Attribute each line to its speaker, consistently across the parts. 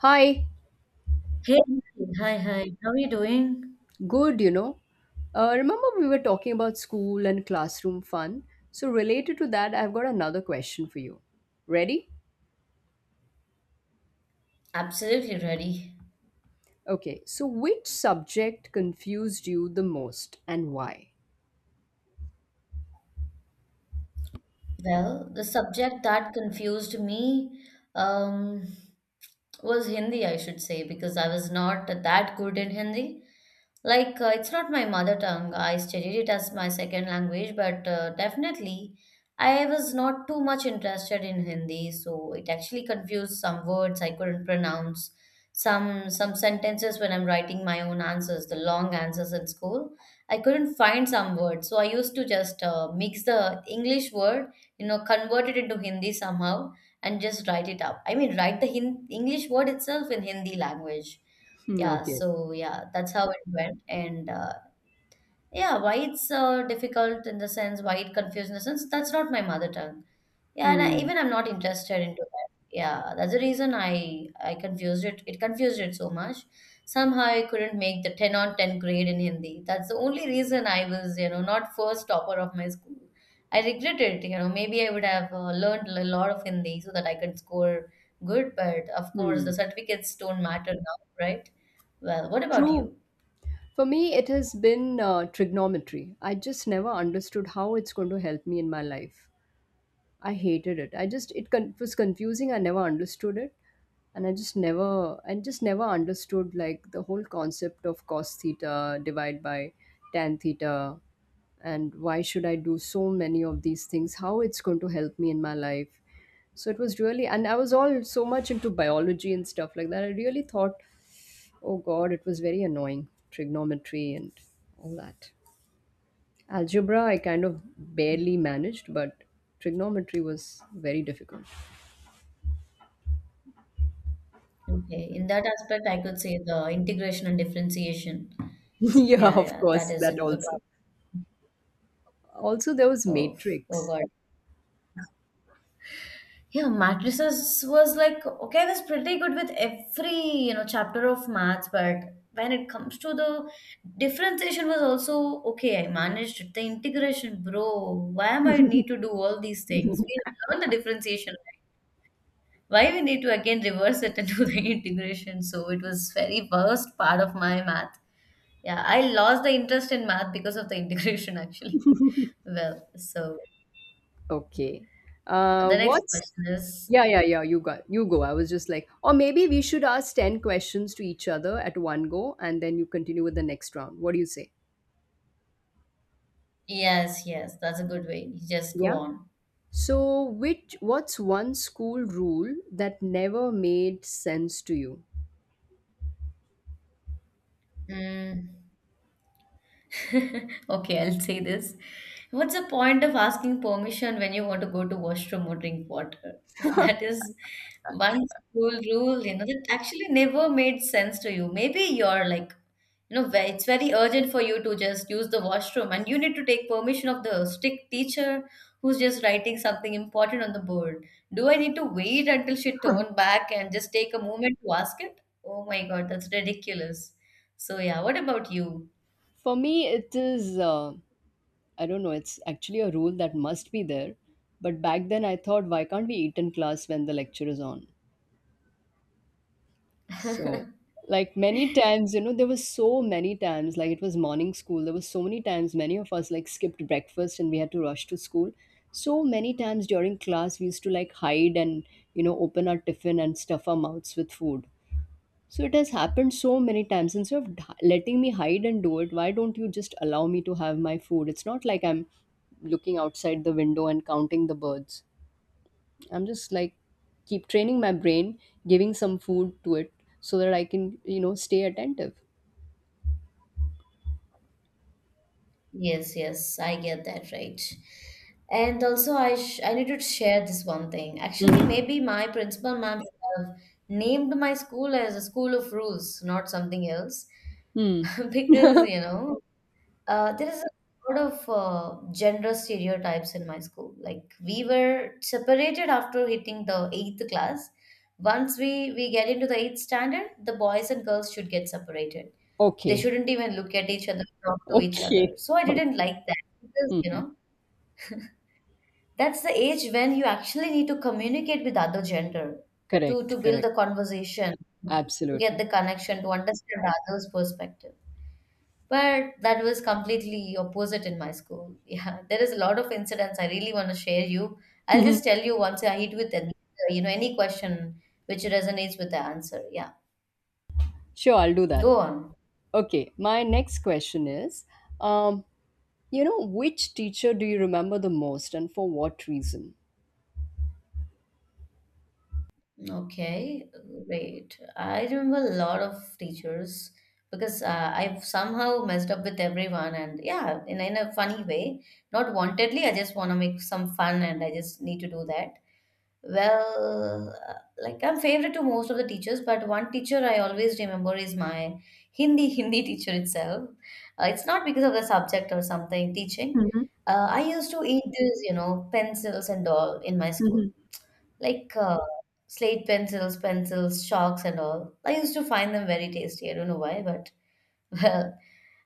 Speaker 1: Hi,
Speaker 2: Hey, hi, hi. How are you doing?
Speaker 1: good, you know. Remember, we were talking about school and classroom fun. So, related to that, I've got another question for you. Ready?
Speaker 2: Absolutely ready.
Speaker 1: Okay, so which subject confused you the most and why?
Speaker 2: Well, the subject that confused me, um, was Hindi, I should say, because I was not that good in Hindi. Like, it's not my mother tongue. I studied it as my second language, but definitely I was not too much interested in Hindi. So it actually confused some words I couldn't pronounce, some sentences when I'm writing my own answers, the long answers in school. I couldn't find some words, so I used to just mix the English word, you know, convert it into Hindi somehow and just write it up. I mean, write the English word itself in Hindi language.
Speaker 1: Hmm,
Speaker 2: Yeah,
Speaker 1: okay.
Speaker 2: so yeah, that's how it went. And yeah, why it's difficult in the sense, why it confused in the sense, that's not my mother tongue. Yeah,
Speaker 1: Hmm.
Speaker 2: even I'm not interested into that. Yeah, that's the reason I confused it. It confused it so much. Somehow I couldn't make the 10 on 10 grade in Hindi. That's the only reason I was, you know, not first topper of my school. I regret it. Maybe I would have learned a lot of Hindi so that I could score good, but of course the
Speaker 1: Hmm.
Speaker 2: certificates don't matter now, right? Well, what about
Speaker 1: True.
Speaker 2: you?
Speaker 1: For me, it has been trigonometry. I just never understood how it's going to help me in my life. I hated it. I just it con- was confusing. I never understood it, and I just never and just never understood like the whole concept of cos theta divided by tan theta, and why should I do so many of these things? How it's going to help me in my life? So it was really, and I was all so much into biology and stuff like that. I really thought, oh God, it was very annoying trigonometry and all that. Algebra I kind of barely managed, but trigonometry was very difficult.
Speaker 2: Okay, in that aspect, I could say the integration and differentiation.
Speaker 1: Yeah,
Speaker 2: Yeah,
Speaker 1: of
Speaker 2: yeah, that
Speaker 1: course,
Speaker 2: is
Speaker 1: that
Speaker 2: another
Speaker 1: also. Also, there was
Speaker 2: part of, oh
Speaker 1: matrix.
Speaker 2: God. Yeah, matrices was like, okay, I was pretty good with every, you know, chapter of maths, but when it comes to the differentiation was also okay, I managed it. The integration, bro, why am I need to do all these things? We have learned the differentiation, right? Why we need to again reverse it and do the integration? So it was very worst part of my math. Yeah, I lost the interest in math because of the integration actually. Well, so
Speaker 1: Okay.
Speaker 2: the next
Speaker 1: What's
Speaker 2: question is
Speaker 1: yeah, yeah, yeah. You go. I was just like, or maybe we should ask ten questions to each other at one go, and then you continue with the next round. What do you say?
Speaker 2: yes, yes, that's a good way. Just go
Speaker 1: Yeah.
Speaker 2: on.
Speaker 1: So, which what's one school rule that never made sense to you?
Speaker 2: Mm. Okay, I'll say this. What's the point of asking permission when you want to go to washroom or drink water? That is one school rule, you know, that actually never made sense to you. Maybe you're like, you know, it's very urgent for you to just use the washroom and you need to take permission of the strict teacher who's just writing something important on the board. Do I need to wait until she turn back and just take a moment to ask it? Oh my God, that's ridiculous. So yeah, what about you?
Speaker 1: For me, it is I don't know, it's actually a rule that must be there. But back then I thought, why can't we eat in class when the lecture is on? So, like many times, you know, there was so many times, like it was morning school, there was so many times many of us like skipped breakfast and we had to rush to school. So many times during class we used to like hide and, you know, open our tiffin and stuff our mouths with food. So it has happened so many times. Instead of letting me hide and do it, why don't you just allow me to have my food? It's not like I'm looking outside the window and counting the birds. I'm just like keep training my brain, giving some food to it so that I can, you know, stay attentive.
Speaker 2: Yes, yes, I get that right. And also, I need to share this one thing. Actually,
Speaker 1: Hmm.
Speaker 2: maybe my principal ma'am should have named my school as a school of rules, not something else,
Speaker 1: Hmm.
Speaker 2: because you know there is a lot of gender stereotypes in my school. Like we were separated after hitting the eighth class. Once we get into the eighth standard, the boys and girls should get separated. They
Speaker 1: Okay.
Speaker 2: shouldn't even look at each other, talk to each other.
Speaker 1: Okay.
Speaker 2: So I didn't
Speaker 1: Okay.
Speaker 2: like that because you
Speaker 1: Hmm.
Speaker 2: know that's the age when you actually need to communicate with other gender to
Speaker 1: Correct.
Speaker 2: build
Speaker 1: Correct.
Speaker 2: the conversation, to get
Speaker 1: Absolutely.
Speaker 2: the connection, to understand the other's perspective. But that was completely opposite in my school. Yeah, there is a lot of incidents I really want to share you. I'll just tell you once I hit with an, you know, any question which resonates with the answer. Yeah,
Speaker 1: Sure, I'll do that.
Speaker 2: go on.
Speaker 1: Okay. My next question is. Um, You know, which teacher do you remember the most and for what reason?
Speaker 2: Okay, great. I remember a lot of teachers because I've somehow messed up with everyone, and yeah, in a funny way, not wantedly. I just want to make some fun, and I just need to do that. Well, like I'm favorite to most of the teachers, but one teacher I always remember is my Hindi Hindi teacher itself. It's not because of the subject or something teaching. I used to eat these, you know, pencils and all in my school, like slate pencils, pencils, chalks and all. I used to find them very tasty. I don't know why, but well,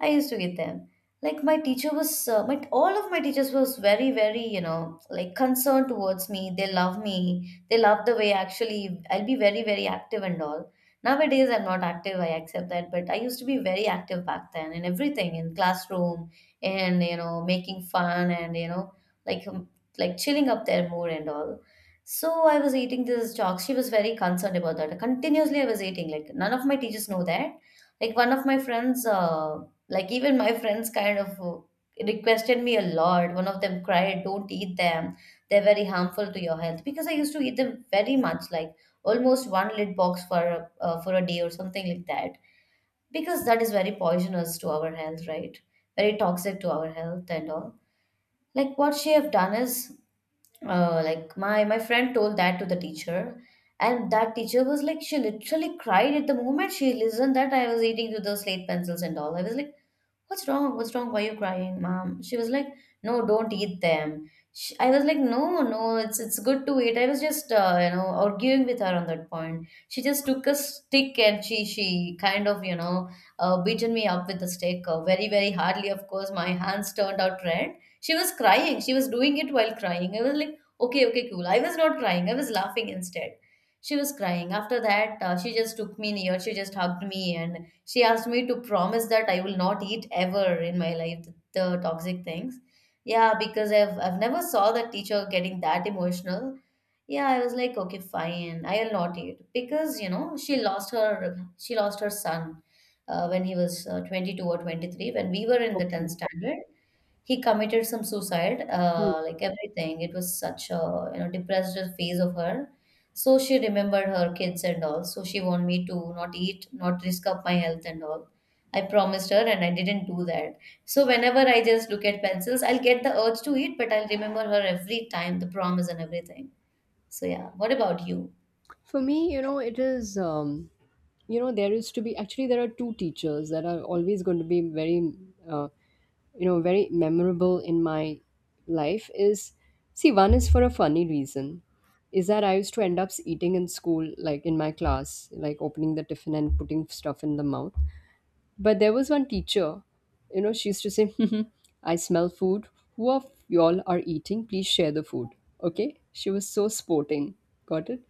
Speaker 2: I used to get them. Like my teacher was, my all of my teachers was very, very, you know, like concerned towards me. They love me. They love the way actually I'll be very, very active and all. Nowadays I'm not active. I accept that, but I used to be very active back then in everything, in classroom, and you know, making fun and you know, like um, like chilling up there more and all. So I was eating this chalk. She was very concerned about that. Continuously I was eating. Like none of my teachers know that. Like one of my friends. Like even my friends kind of requested me a lot. One of them cried, "Don't eat them. They're very harmful to your health." Because I used to eat them very much, like almost one lid box for for a day or something like that. Because that is very poisonous to our health, right? Very toxic to our health and all. Like what she have done is, like my friend told that to the teacher, and that teacher was like, she literally cried at the moment she listened that I was eating through those slate pencils and all. I was like, what's wrong? What's wrong? Why are you crying, mom? She was like, no, don't eat them. She, I was like, no, no, it's good to eat. I was just you know arguing with her on that point. She just took a stick and she kind of you know beaten me up with the stick very very hardly. Of course, my hands turned out red. She was crying. She was doing it while crying. I was like, okay, okay, cool. I was not crying. I was laughing instead. She was crying. After that, she just took me near. She just hugged me and she asked me to promise that I will not eat ever in my life the toxic things. Yeah, because I've never saw that teacher getting that emotional. Yeah, I was like, okay, fine, I'll not eat because you know she lost her son when he was 22 or 23 when we were in the 10th
Speaker 1: Okay.
Speaker 2: standard he committed some suicide,
Speaker 1: Hmm.
Speaker 2: like everything. It was such a you know depressed phase of her. So she remembered her kids and all. So she wanted me to not eat, not risk up my health and all. I promised her and I didn't do that. So whenever I just look at pencils, I'll get the urge to eat, but I'll remember her every time, the promise and everything. So yeah, what about you?
Speaker 1: For me, you know, it is, you know, there is to be actually there are two teachers that are always going to be very, uh, you know, very memorable in my life. Is, see, one is for a funny reason, is that I used to end up eating in school, like in my class, like opening the tiffin and putting stuff in the mouth. But there was one teacher, you know, she used to say, I smell food. Who of y'all are eating? Please share the food. Okay? She was so sporting. Got it?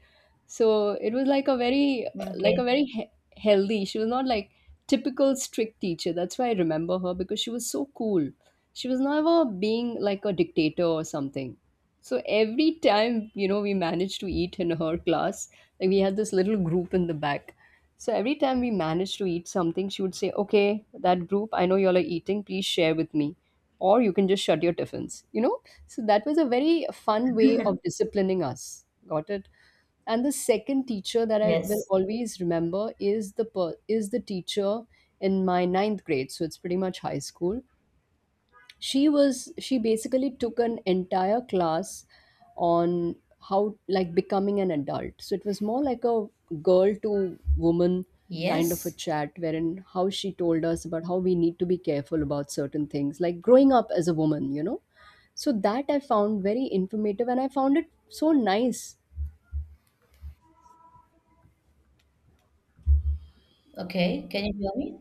Speaker 1: So it was like
Speaker 2: Okay.
Speaker 1: a very healthy, she was not like typical strict teacher. That's why I remember her because she was so cool. She was never being like a dictator or something. So every time, you know, we managed to eat in her class, like we had this little group in the back, so every time we managed to eat something, she would say, Okay, that group, I know y'all are eating, please share with me. Or you can just shut your tiffins, you know? So that was a very fun way of disciplining us. Got it? And the second teacher that I will
Speaker 2: Yes.
Speaker 1: always remember is the is the teacher in my ninth grade. So it's pretty much high school. She was, she basically took an entire class on how, like, becoming an adult, so it was more like a girl to woman kind of a
Speaker 2: Yes.
Speaker 1: chat, wherein how she told us about how we need to be careful about certain things like growing up as a woman, you know, so that I found very informative, and I found it so nice.
Speaker 2: Okay. Can you hear me?